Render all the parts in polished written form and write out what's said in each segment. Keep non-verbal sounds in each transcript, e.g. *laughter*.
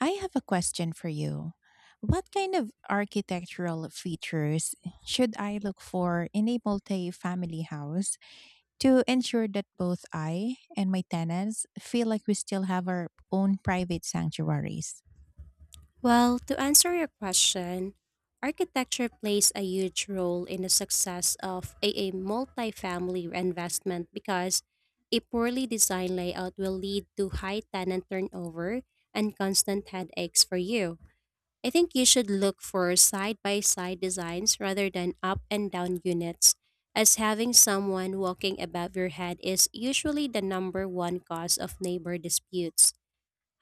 I have a question for you. What kind of architectural features should I look for in a multi-family house to ensure that both I and my tenants feel like we still have our own private sanctuaries? Well, to answer your question, architecture plays a huge role in the success of a multifamily investment because a poorly designed layout will lead to high tenant turnover and constant headaches for you. I think you should look for side by side designs rather than up and down units, as having someone walking above your head is usually the number one cause of neighbor disputes.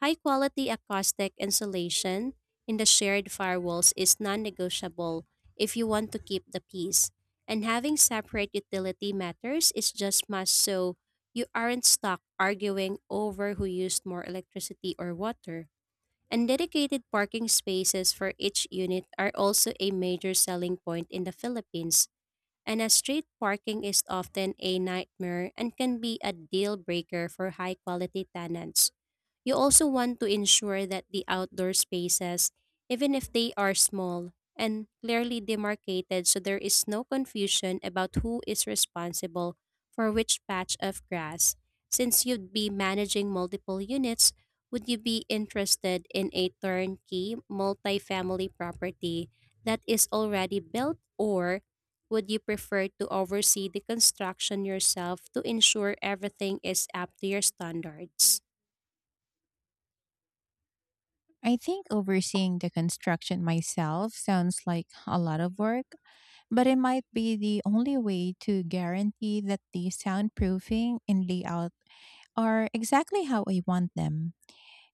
High quality acoustic insulation in the shared firewalls is non negotiable if you want to keep the peace. And having separate utility matters is just must, so you aren't stuck arguing over who used more electricity or water. And dedicated parking spaces for each unit are also a major selling point in the Philippines, and a street parking is often a nightmare and can be a deal breaker for high quality tenants. You also want to ensure that the outdoor spaces, even if they are small, and clearly demarcated, so there is no confusion about who is responsible for which patch of grass. Since you'd be managing multiple units, would you be interested in a turnkey multifamily property that is already built, or would you prefer to oversee the construction yourself to ensure everything is up to your standards? I think overseeing the construction myself sounds like a lot of work, but it might be the only way to guarantee that the soundproofing and layout are exactly how I want them.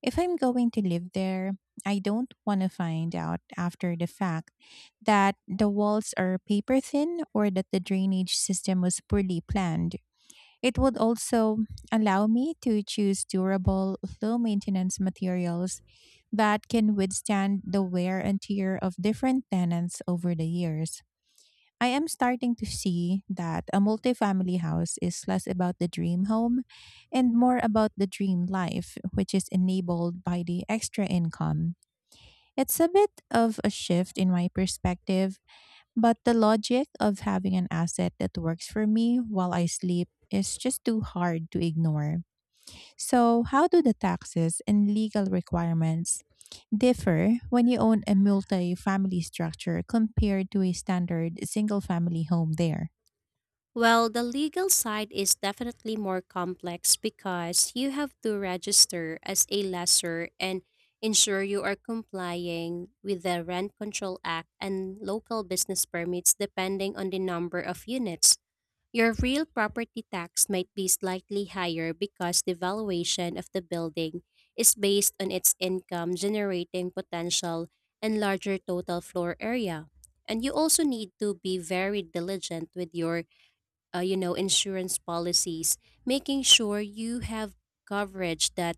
If I'm going to live there, I don't want to find out after the fact that the walls are paper thin or that the drainage system was poorly planned. It would also allow me to choose durable, low maintenance materials that can withstand the wear and tear of different tenants over the years. I am starting to see that a multifamily house is less about the dream home and more about the dream life, which is enabled by the extra income. It's a bit of a shift in my perspective, but the logic of having an asset that works for me while I sleep is just too hard to ignore. So, how do the taxes and legal requirements differ when you own a multi family structure compared to a standard single family home there? Well, the legal side is definitely more complex because you have to register as a lessor and ensure you are complying with the Rent Control Act and local business permits depending on the number of units. Your real property tax might be slightly higher because the valuation of the building is based on its income generating potential and larger total floor area. And you also need to be very diligent with your insurance policies, making sure you have coverage that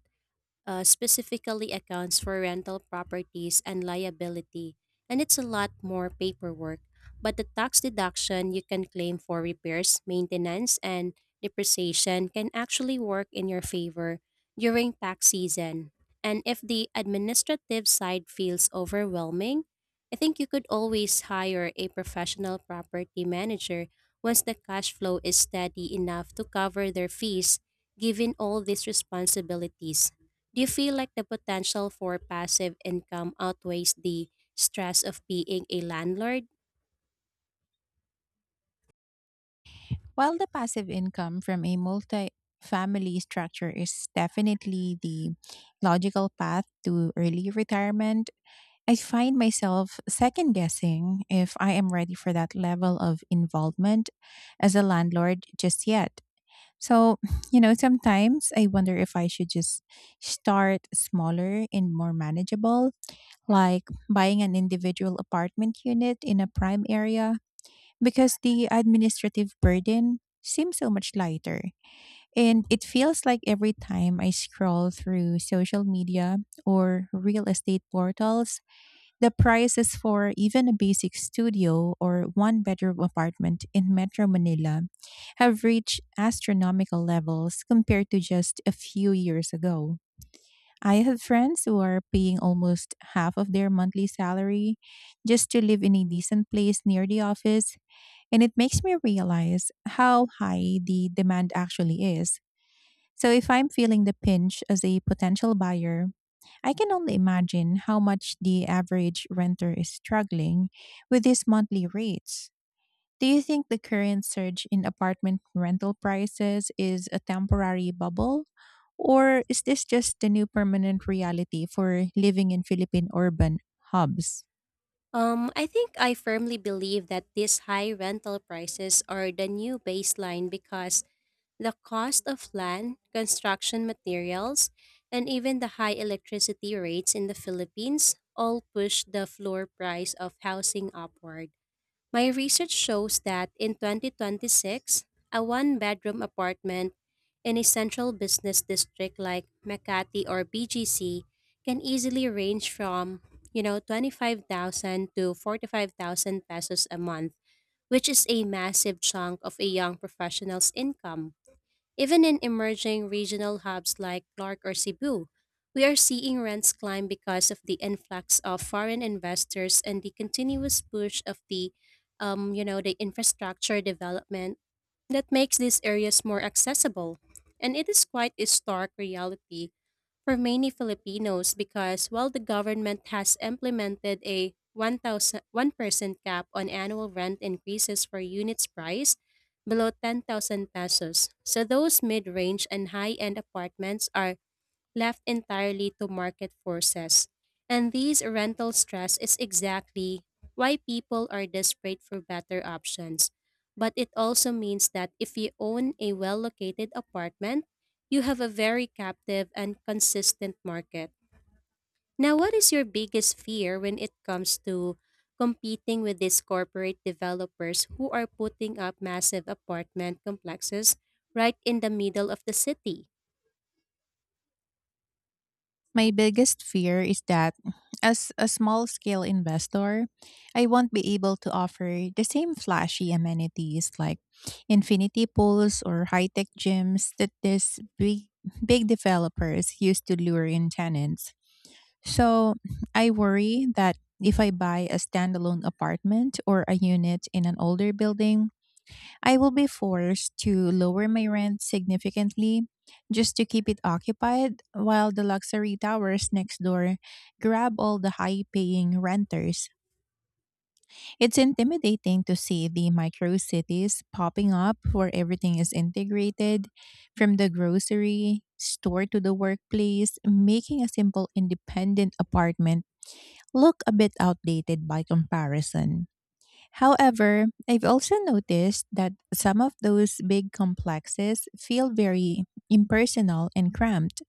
specifically accounts for rental properties and liability, and it's a lot more paperwork. But the tax deduction you can claim for repairs, maintenance, and depreciation can actually work in your favor during tax season. And if the administrative side feels overwhelming, I think you could always hire a professional property manager once the cash flow is steady enough to cover their fees, given all these responsibilities. Do you feel like the potential for passive income outweighs the stress of being a landlord? While the passive income from a multi-family structure is definitely the logical path to early retirement, I find myself second guessing if I am ready for that level of involvement as a landlord just yet. So, *sighs* *sniffs* sometimes I wonder if I should just start smaller and more manageable, like buying an individual apartment unit in a prime area because the administrative burden seems so much lighter. And it feels like every time I scroll through social media or real estate portals, the prices for even a basic studio or one bedroom apartment in Metro Manila have reached astronomical levels compared to just a few years ago. I have friends who are paying almost half of their monthly salary just to live in a decent place near the office, and it makes me realize how high the demand actually is. So if I'm feeling the pinch as a potential buyer, I can only imagine how much the average renter is struggling with these monthly rates. Do you think the current surge in apartment rental prices is a temporary bubble? Or is this just the new permanent reality for living in Philippine urban hubs? I think I firmly believe that these high rental prices are the new baseline because the cost of land, construction materials, and even the high electricity rates in the Philippines all push the floor price of housing upward. My research shows that in 2026, a one bedroom apartment in a central business district like Makati or BGC can easily range from, 25,000 to 45,000 pesos a month, which is a massive chunk of a young professional's income. Even in emerging regional hubs like Clark or Cebu, we are seeing rents climb because of the influx of foreign investors and the continuous push of the infrastructure development that makes these areas more accessible. And it is quite a stark reality for many Filipinos because while the government has implemented a 1,001% cap on annual rent increases for units priced below 10,000 pesos. So those mid-range and high-end apartments are left entirely to market forces. And these rental stress is exactly why people are desperate for better options. But it also means that if you own a well-located apartment, you have a very captive and consistent market. Now, what is your biggest fear when it comes to competing with these corporate developers who are putting up massive apartment complexes right in the middle of the city? My biggest fear is that, as a small scale investor, I won't be able to offer the same flashy amenities like infinity pools or high tech gyms that these big, big developers use to lure in tenants. So I worry that if I buy a standalone apartment or a unit in an older building, I will be forced to lower my rent significantly just to keep it occupied, while the luxury towers next door grab all the high paying renters. It's intimidating to see the micro cities popping up where everything is integrated from the grocery store to the workplace, making a simple independent apartment look a bit outdated by comparison. However, I've also noticed that some of those big complexes feel very impersonal and cramped,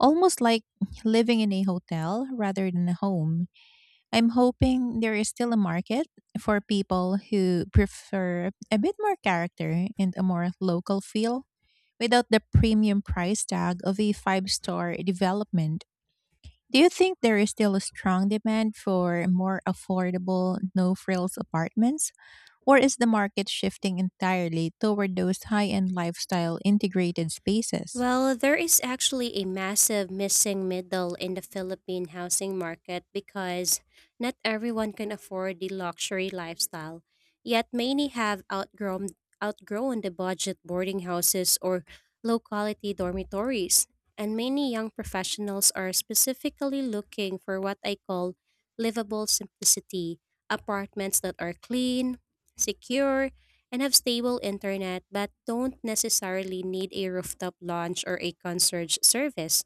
almost like living in a hotel rather than a home. I'm hoping there is still a market for people who prefer a bit more character and a more local feel without the premium price tag of a five-star development. Do you think there is still a strong demand for more affordable, no frills apartments? Or is the market shifting entirely toward those high end lifestyle integrated spaces? Well, there is actually a massive missing middle in the Philippine housing market because not everyone can afford the luxury lifestyle. Yet many have outgrown the budget boarding houses or low-quality dormitories, and many young professionals are specifically looking for what I call livable simplicity: apartments that are clean, secure, and have stable internet, but don't necessarily need a rooftop lounge or a concierge service.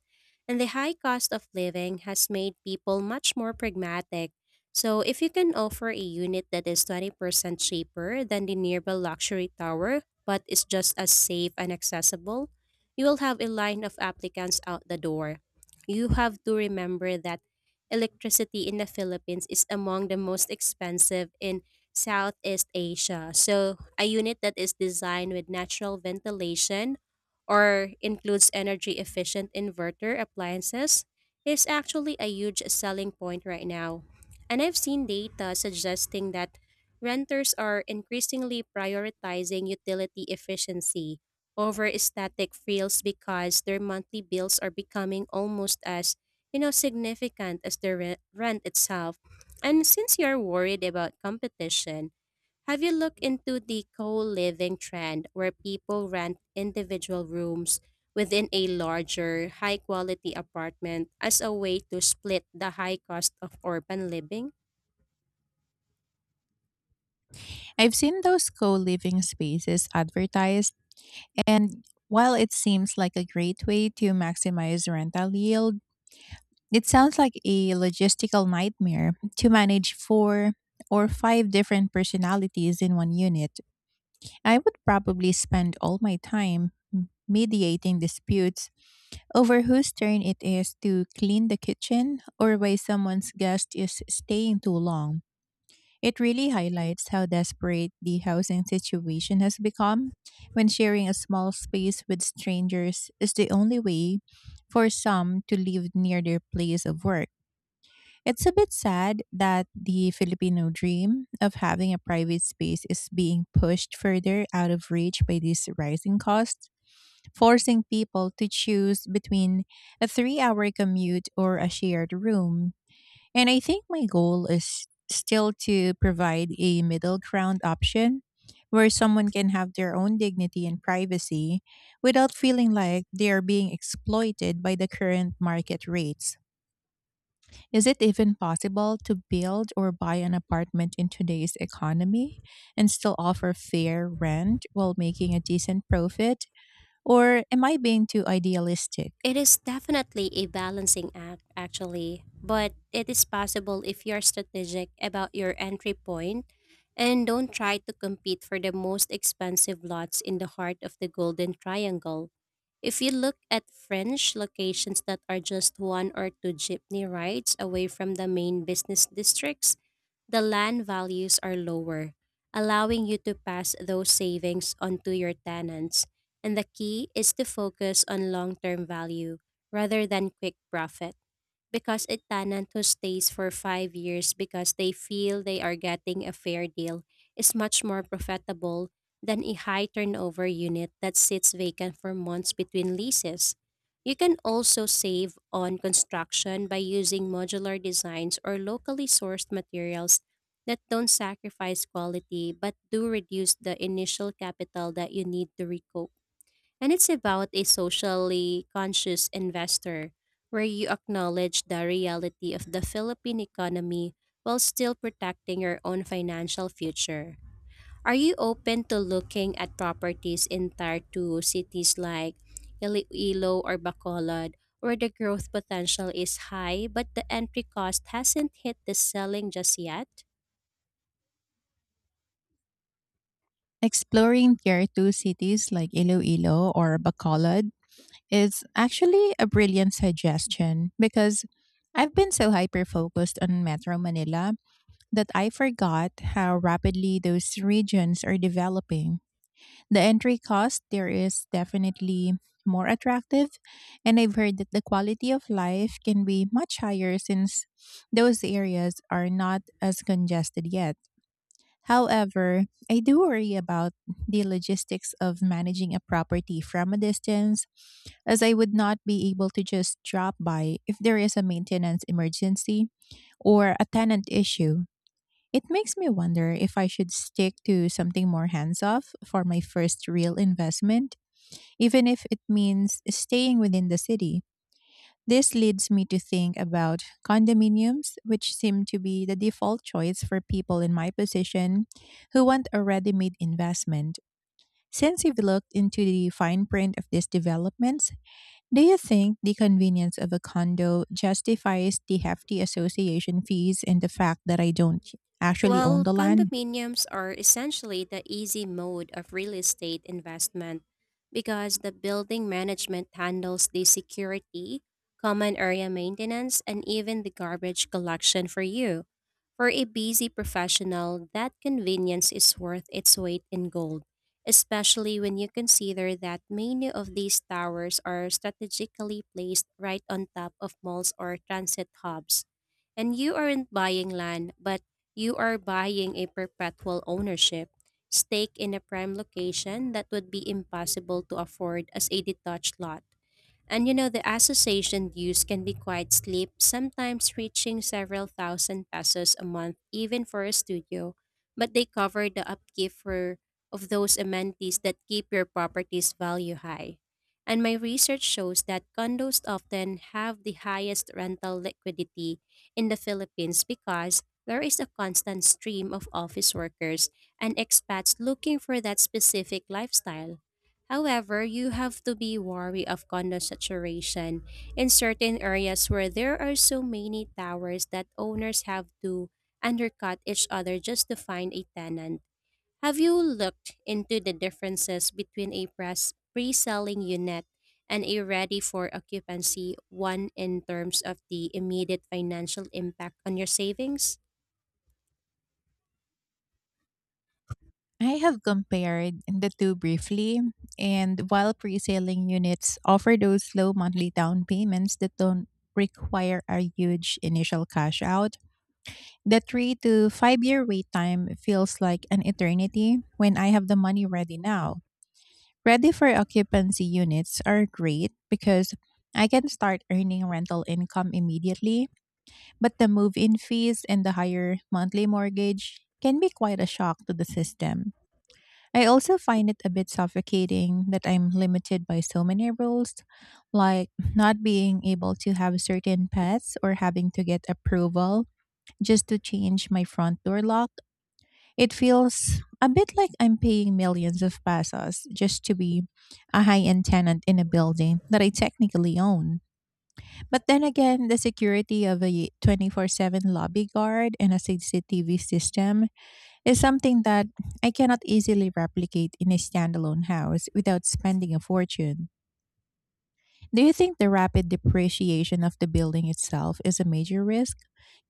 And the high cost of living has made people much more pragmatic. So, if you can offer a unit that is 20% cheaper than the nearby luxury tower but is just as safe and accessible, you will have a line of applicants out the door. You have to remember that electricity in the Philippines is among the most expensive in Southeast Asia. So a unit that is designed with natural ventilation or includes energy efficient inverter appliances is actually a huge selling point right now. And I've seen data suggesting that renters are increasingly prioritizing utility efficiency over static feels because their monthly bills are becoming almost as significant as the rent itself. And since you're worried about competition, have you looked into the co-living trend where people rent individual rooms within a larger, high-quality apartment as a way to split the high cost of urban living? I've seen those co living spaces advertised, and while it seems like a great way to maximize rental yield, it sounds like a logistical nightmare to manage four or five different personalities in one unit. I would probably spend all my time mediating disputes over whose turn it is to clean the kitchen or why someone's guest is staying too long. It really highlights how desperate the housing situation has become when sharing a small space with strangers is the only way for some to live near their place of work. It's a bit sad that the Filipino dream of having a private space is being pushed further out of reach by these rising costs, forcing people to choose between a 3-hour commute or a shared room. And I think my goal is still to provide a middle ground option where someone can have their own dignity and privacy without feeling like they are being exploited by the current market rates. Is it even possible to build or buy an apartment in today's economy and still offer fair rent while making a decent profit? Or am I being too idealistic? It is definitely a balancing act, actually, but it is possible if you're strategic about your entry point and don't try to compete for the most expensive lots in the heart of the Golden Triangle. If you look at French locations that are just one or two jeepney rides away from the main business districts, the land values are lower, allowing you to pass those savings onto your tenants. And the key is to focus on long term value rather than quick profit, because a tenant who stays for 5 years because they feel they are getting a fair deal is much more profitable than a high turnover unit that sits vacant for months between leases. You can also save on construction by using modular designs or locally sourced materials that don't sacrifice quality but do reduce the initial capital that you need to recoup. And it's about a socially conscious investor, where you acknowledge the reality of the Philippine economy while still protecting your own financial future. Are you open to looking at properties in tier 2 cities like Iloilo or Bacolod where the growth potential is high but the entry cost hasn't hit the selling just yet? Exploring tier 2 cities like Iloilo or Bacolod is actually a brilliant suggestion because I've been so hyper focused on Metro Manila that I forgot how rapidly those regions are developing. The entry cost there is definitely more attractive, and I've heard that the quality of life can be much higher since those areas are not as congested yet. However, I do worry about the logistics of managing a property from a distance, as I would not be able to just drop by if there is a maintenance emergency or a tenant issue. It makes me wonder if I should stick to something more hands off for my first real investment, even if it means staying within the city. This leads me to think about condominiums, which seem to be the default choice for people in my position who want a ready made investment. Since you've looked into the fine print of these developments, do you think the convenience of a condo justifies the hefty association fees and the fact that I don't actually own Well, the land? condominiums are essentially the easy mode of real estate investment because the building management handles the security, common area maintenance, and even the garbage collection for you. For a busy professional, that convenience is worth its weight in gold, especially when you consider that many of these towers are strategically placed right on top of malls or transit hubs, and you aren't buying land, but you are buying a perpetual ownership stake in a prime location that would be impossible to afford as a detached lot. And the association dues can be quite steep, sometimes reaching several thousand pesos a month, even for a studio, but they cover the upkeep of those amenities that keep your property's value high. And my research shows that condos often have the highest rental liquidity in the Philippines because there is a constant stream of office workers and expats looking for that specific lifestyle. However, you have to be wary of condo saturation in certain areas where there are so many towers that owners have to undercut each other just to find a tenant. Have you looked into the differences between a press pre-selling unit and a ready for occupancy one in terms of the immediate financial impact on your savings? I have compared the two briefly, and while pre-selling units offer those low monthly down payments that don't require a huge initial cash out, the 3 to 5 year wait time feels like an eternity when I have the money ready now. Ready for occupancy units are great because I can start earning rental income immediately, but the move in fees and the higher monthly mortgage can be quite a shock to the system. I also find it a bit suffocating that I'm limited by so many rules, like not being able to have certain pets or having to get approval just to change my front door lock. It feels a bit like I'm paying millions of pesos just to be a high end tenant in a building that I technically own. But then again, the security of a 24/7 lobby guard and a CCTV system is something that I cannot easily replicate in a standalone house without spending a fortune. Do you think the rapid depreciation of the building itself is a major risk,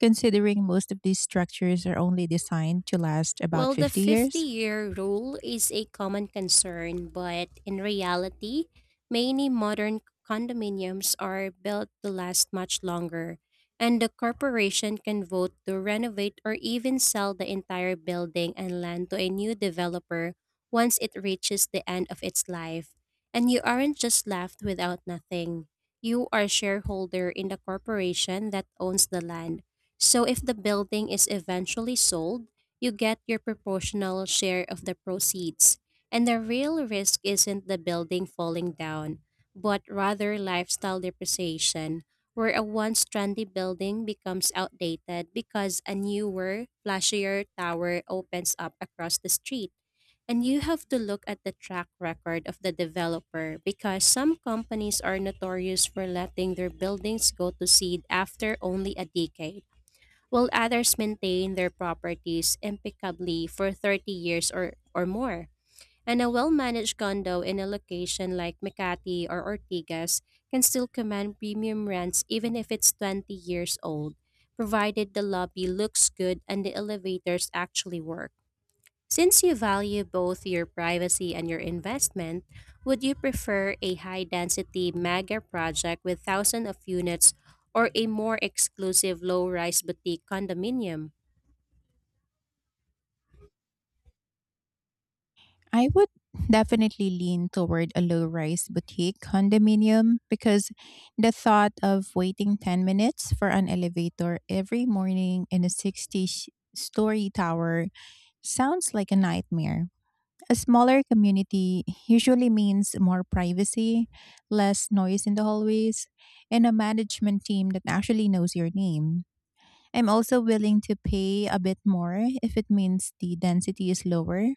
considering most of these structures are only designed to last about Well, the 50 50 years? year rule is a common concern, but in reality, many modern condominiums are built to last much longer, and the corporation can vote to renovate or even sell the entire building and land to a new developer once it reaches the end of its life. And you aren't just left without nothing. You are shareholder in the corporation that owns the land. So if the building is eventually sold, you get your proportional share of the proceeds. And the real risk isn't the building falling down, but rather lifestyle depreciation, where a once trendy building becomes outdated because a newer, flashier tower opens up across the street. And you have to look at the track record of the developer because some companies are notorious for letting their buildings go to seed after only a decade while others maintain their properties impeccably for 30 years or more. And a well managed condo in a location like Makati or Ortigas can still command premium rents even if it's 20 years old, provided the lobby looks good and the elevators actually work. Since you value both your privacy and your investment, would you prefer a high density mega project with thousands of units, or a more exclusive low rise boutique condominium? I would definitely lean toward a low rise boutique condominium because the thought of waiting 10 minutes for an elevator every morning in a 60 story tower sounds like a nightmare. A smaller community usually means more privacy, less noise in the hallways, and a management team that actually knows your name. I'm also willing to pay a bit more if it means the density is lower,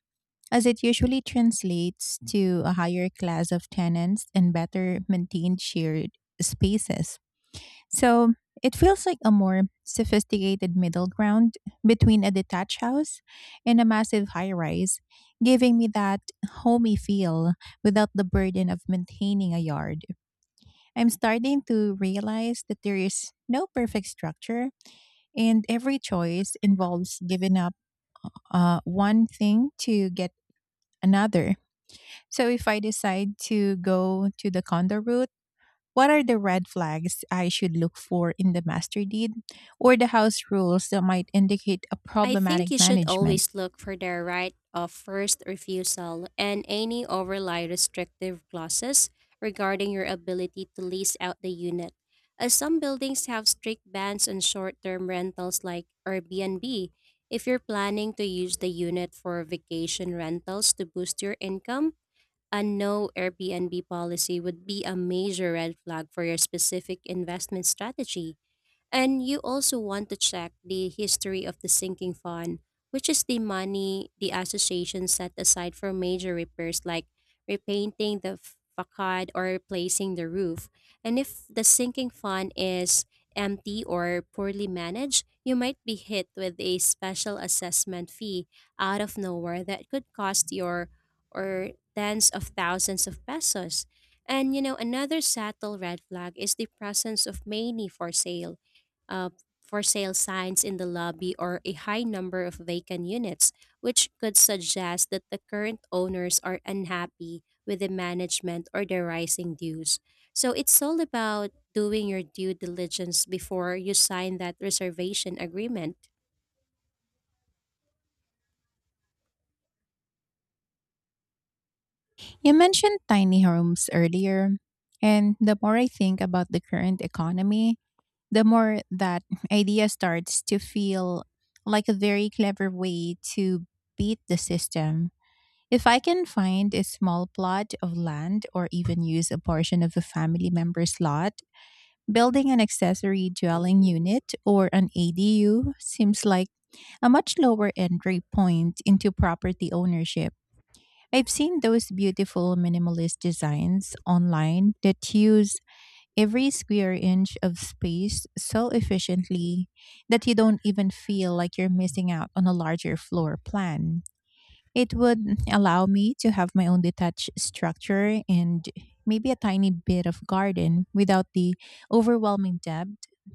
as it usually translates to a higher class of tenants and better maintained shared spaces. So it feels like a more sophisticated middle ground between a detached house and a massive high rise, giving me that homey feel without the burden of maintaining a yard. I'm starting to realize that there is no perfect structure, and every choice involves giving up one thing to get another. So if I decide to go to the condo route, what are the red flags I should look for in the master deed or the house rules that might indicate a I problematic think you should management? always look for their right of first refusal and any overly restrictive clauses regarding your ability to lease out the unit. As some buildings have strict bans on short term rentals like Airbnb, if you're planning to use the unit for vacation rentals to boost your income, a no Airbnb policy would be a major red flag for your specific investment strategy. And you also want to check the history of the sinking fund, which is the money the association set aside for major repairs like repainting the facade or replacing the roof. And if the sinking fund is empty or poorly managed, you might be hit with a special assessment fee out of nowhere that could cost your or tens of thousands of pesos. And another subtle red flag is the presence of many for sale uh, for sale signs in the lobby or a high number of vacant units, which could suggest that the current owners are unhappy with the management or the rising dues. So it's all about doing your due diligence before you sign that reservation agreement. You mentioned tiny homes earlier, and the more I think about the current economy, the more that *laughs* idea starts to feel like a very clever way to beat the system. If I can find a small plot of land or even use a portion of a family member's lot, building an accessory dwelling unit or an ADU seems like a much lower entry point into property ownership. I've seen those beautiful minimalist designs online that use every square inch of space so efficiently that you don't even feel like you're missing out on a larger floor plan. It would allow me to have my own detached structure and maybe a tiny bit of garden without the overwhelming debt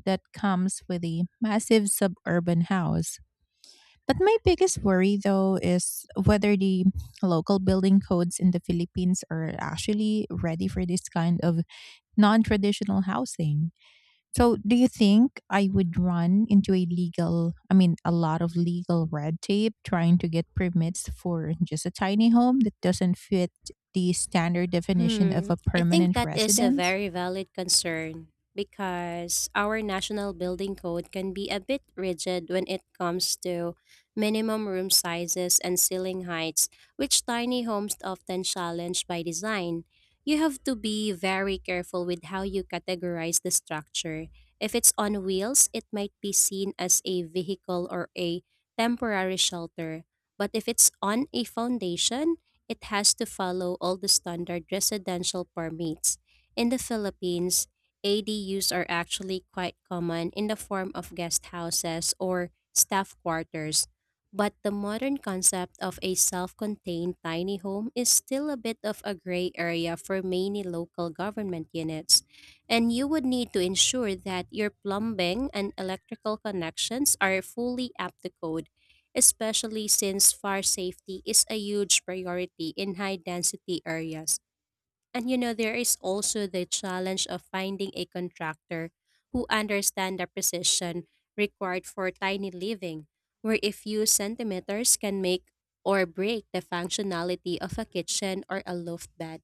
that comes with a massive suburban house. But my biggest worry, though, is whether the local building codes in the Philippines are actually ready for this kind of non traditional housing. So, do you think I would run into I mean, a lot of legal red tape trying to get permits for just a tiny home that doesn't fit the standard definition of Hmm, a I think permanent that is a residence? very valid concern because our national building code can be a bit rigid when it comes to minimum room sizes and ceiling heights, which tiny homes often challenge by design. You have to be very careful with how you categorize the structure. If it's on wheels, it might be seen as a vehicle or a temporary shelter. But if it's on a foundation, it has to follow all the standard residential permits. In the Philippines, ADUs are actually quite common in the form of guest houses or staff quarters, but the modern concept of a self contained tiny home is still a bit of a gray area for many local government units. And you would need to ensure that your plumbing and electrical connections are fully up to code especially since fire safety is a huge priority in high density areas. And there is also the challenge of finding a contractor who understands the precision required for tiny living, where a few centimeters can make or break the functionality of a kitchen or a loft bed.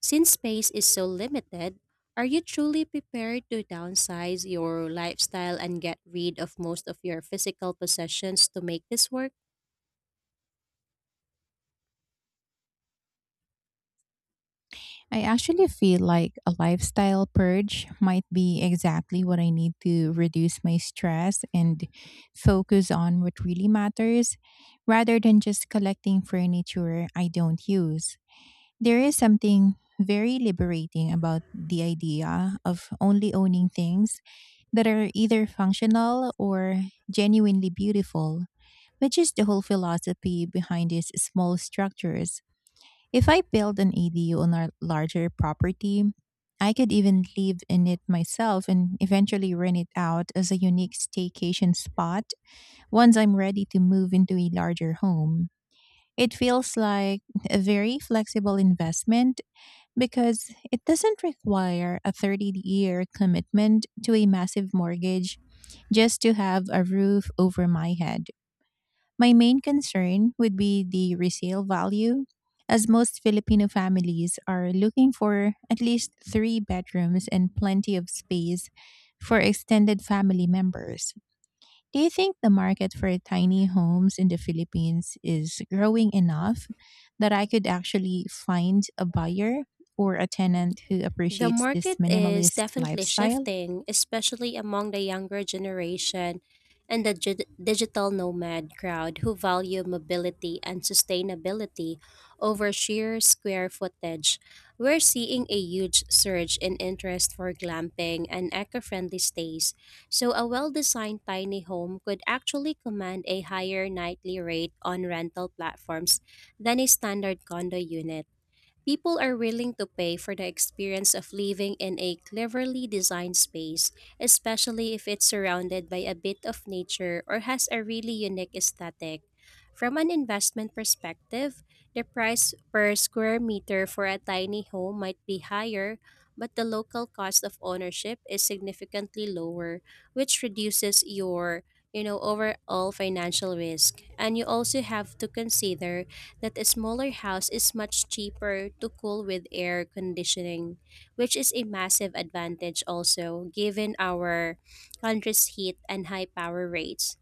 Since space is so limited, are you truly prepared to downsize your lifestyle and get rid of most of your physical possessions to make this work? I actually feel like a lifestyle purge might be exactly what I need to reduce my stress and focus on what really matters rather than just collecting furniture I don't use. There is something very liberating about the idea of only owning things that are either functional or genuinely beautiful, which is the whole philosophy behind these small structures. If I build an ADU on a larger property, I could even live in it myself and eventually rent it out as a unique staycation spot once I'm ready to move into a larger home. It feels like a very flexible investment because it doesn't require a 30-year year commitment to a massive mortgage just to have a roof over my head. My main concern would be the resale value, as most Filipino families are looking for at least three bedrooms and plenty of space for extended family members. Do you think the market for tiny homes in the Philippines is growing enough that I could actually find a buyer or a tenant who The appreciates this market is minimalist definitely lifestyle? shifting, especially among the younger generation and the digital nomad crowd who value mobility and sustainability over sheer square footage. We're seeing a huge surge in interest for glamping and eco friendly stays, so a well designed tiny home could actually command a higher nightly rate on rental platforms than a standard condo unit. People are willing to pay for the experience of living in a cleverly designed space, especially if it's surrounded by a bit of nature or has a really unique aesthetic. From an investment perspective, the price per square meter for a tiny home might be higher, but the local cost of ownership is significantly lower, which reduces your overall financial risk, and you also have to consider that a smaller house is much cheaper to cool with air conditioning, which is a massive advantage also given our country's heat and high power rates.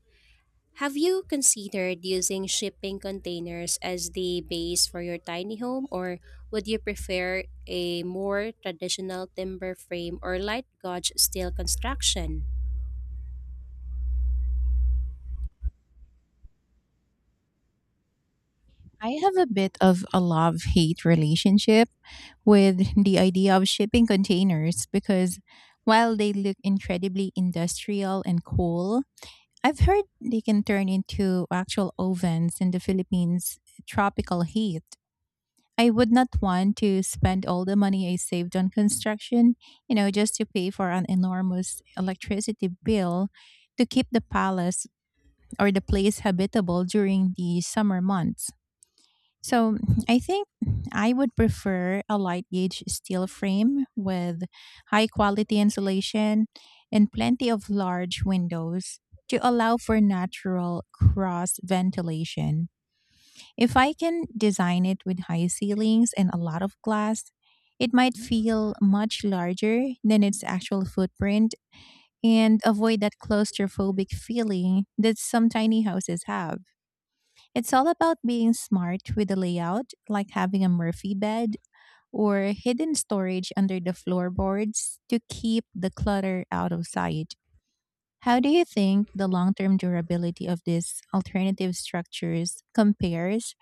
Have you considered using shipping containers as the base for your tiny home, or would you prefer a more traditional timber frame or light gauge steel construction? I have a bit of a love hate relationship with the idea of shipping containers because, while they look incredibly industrial and cool, I've heard they can turn into actual ovens in the Philippines' tropical heat. I would not want to spend all the money I saved on construction, just to pay for an enormous electricity bill to keep the palace or the place habitable during the summer months. So, I think I would prefer a light gauge steel frame with high quality insulation and plenty of large windows to allow for natural cross ventilation. If I can design it with high ceilings and a lot of glass, it might feel much larger than its actual footprint and avoid that claustrophobic feeling that some tiny houses have. It's all about being smart with the layout, like having a Murphy bed or hidden storage under the floorboards to keep the clutter out of sight. How do you think the long term durability of these alternative structures compares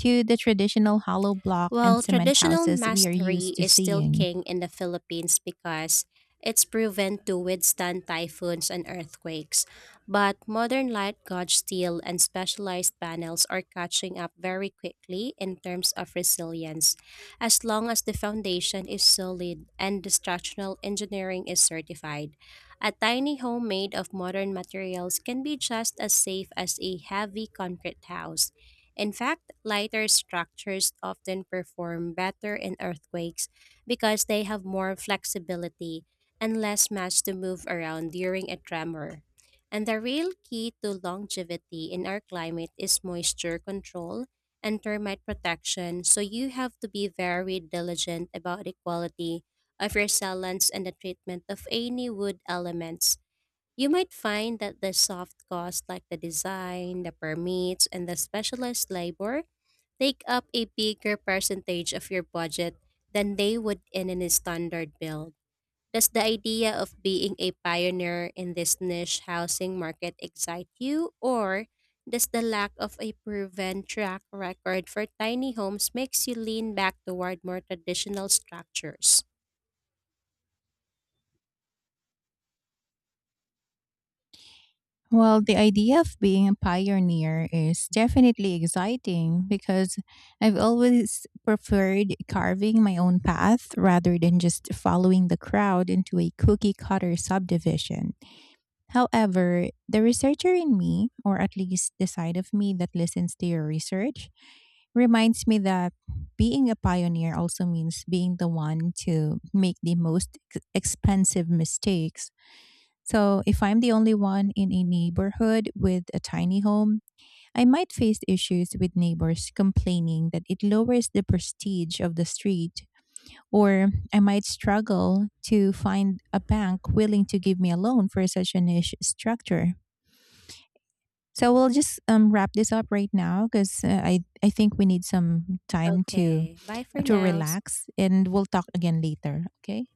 to the traditional hollow block and Well, cement traditional houses we are masonry used to is still seeing? king in the Philippines because it's proven to withstand typhoons and earthquakes. But modern light gauge steel and specialized panels are catching up very quickly in terms of resilience, as long as the foundation is solid and the structural engineering is certified. A tiny home made of modern materials can be just as safe as a heavy concrete house. In fact, lighter structures often perform better in earthquakes because they have more flexibility and less mass to move around during a tremor. And the real key to longevity in our climate is moisture control and termite protection, so you have to be very diligent about the quality of your cellants and the treatment of any wood elements. You might find that the soft costs like the design, the permits, and the specialized labor take up a bigger percentage of your budget than they would in a standard build. Does the idea of being a pioneer in this niche housing market excite you, or does the lack of a proven track record for tiny homes makes you lean back toward more traditional structures? Well, the idea of being a pioneer is definitely exciting because I've always preferred carving my own path rather than just following the crowd into a cookie cutter subdivision. However, the researcher in me, or at least the side of me that listens to your research, reminds me that being a pioneer also means being the one to make the most expensive mistakes. So, if I'm the only one in a neighborhood with a tiny home, I might face issues with neighbors complaining that it lowers the prestige of the street, or I might struggle to find a bank willing to give me a loan for such a niche structure. So, we'll just wrap this up right now because I think we need some time to, Okay, bye for to now. relax and we'll talk again later. Okay.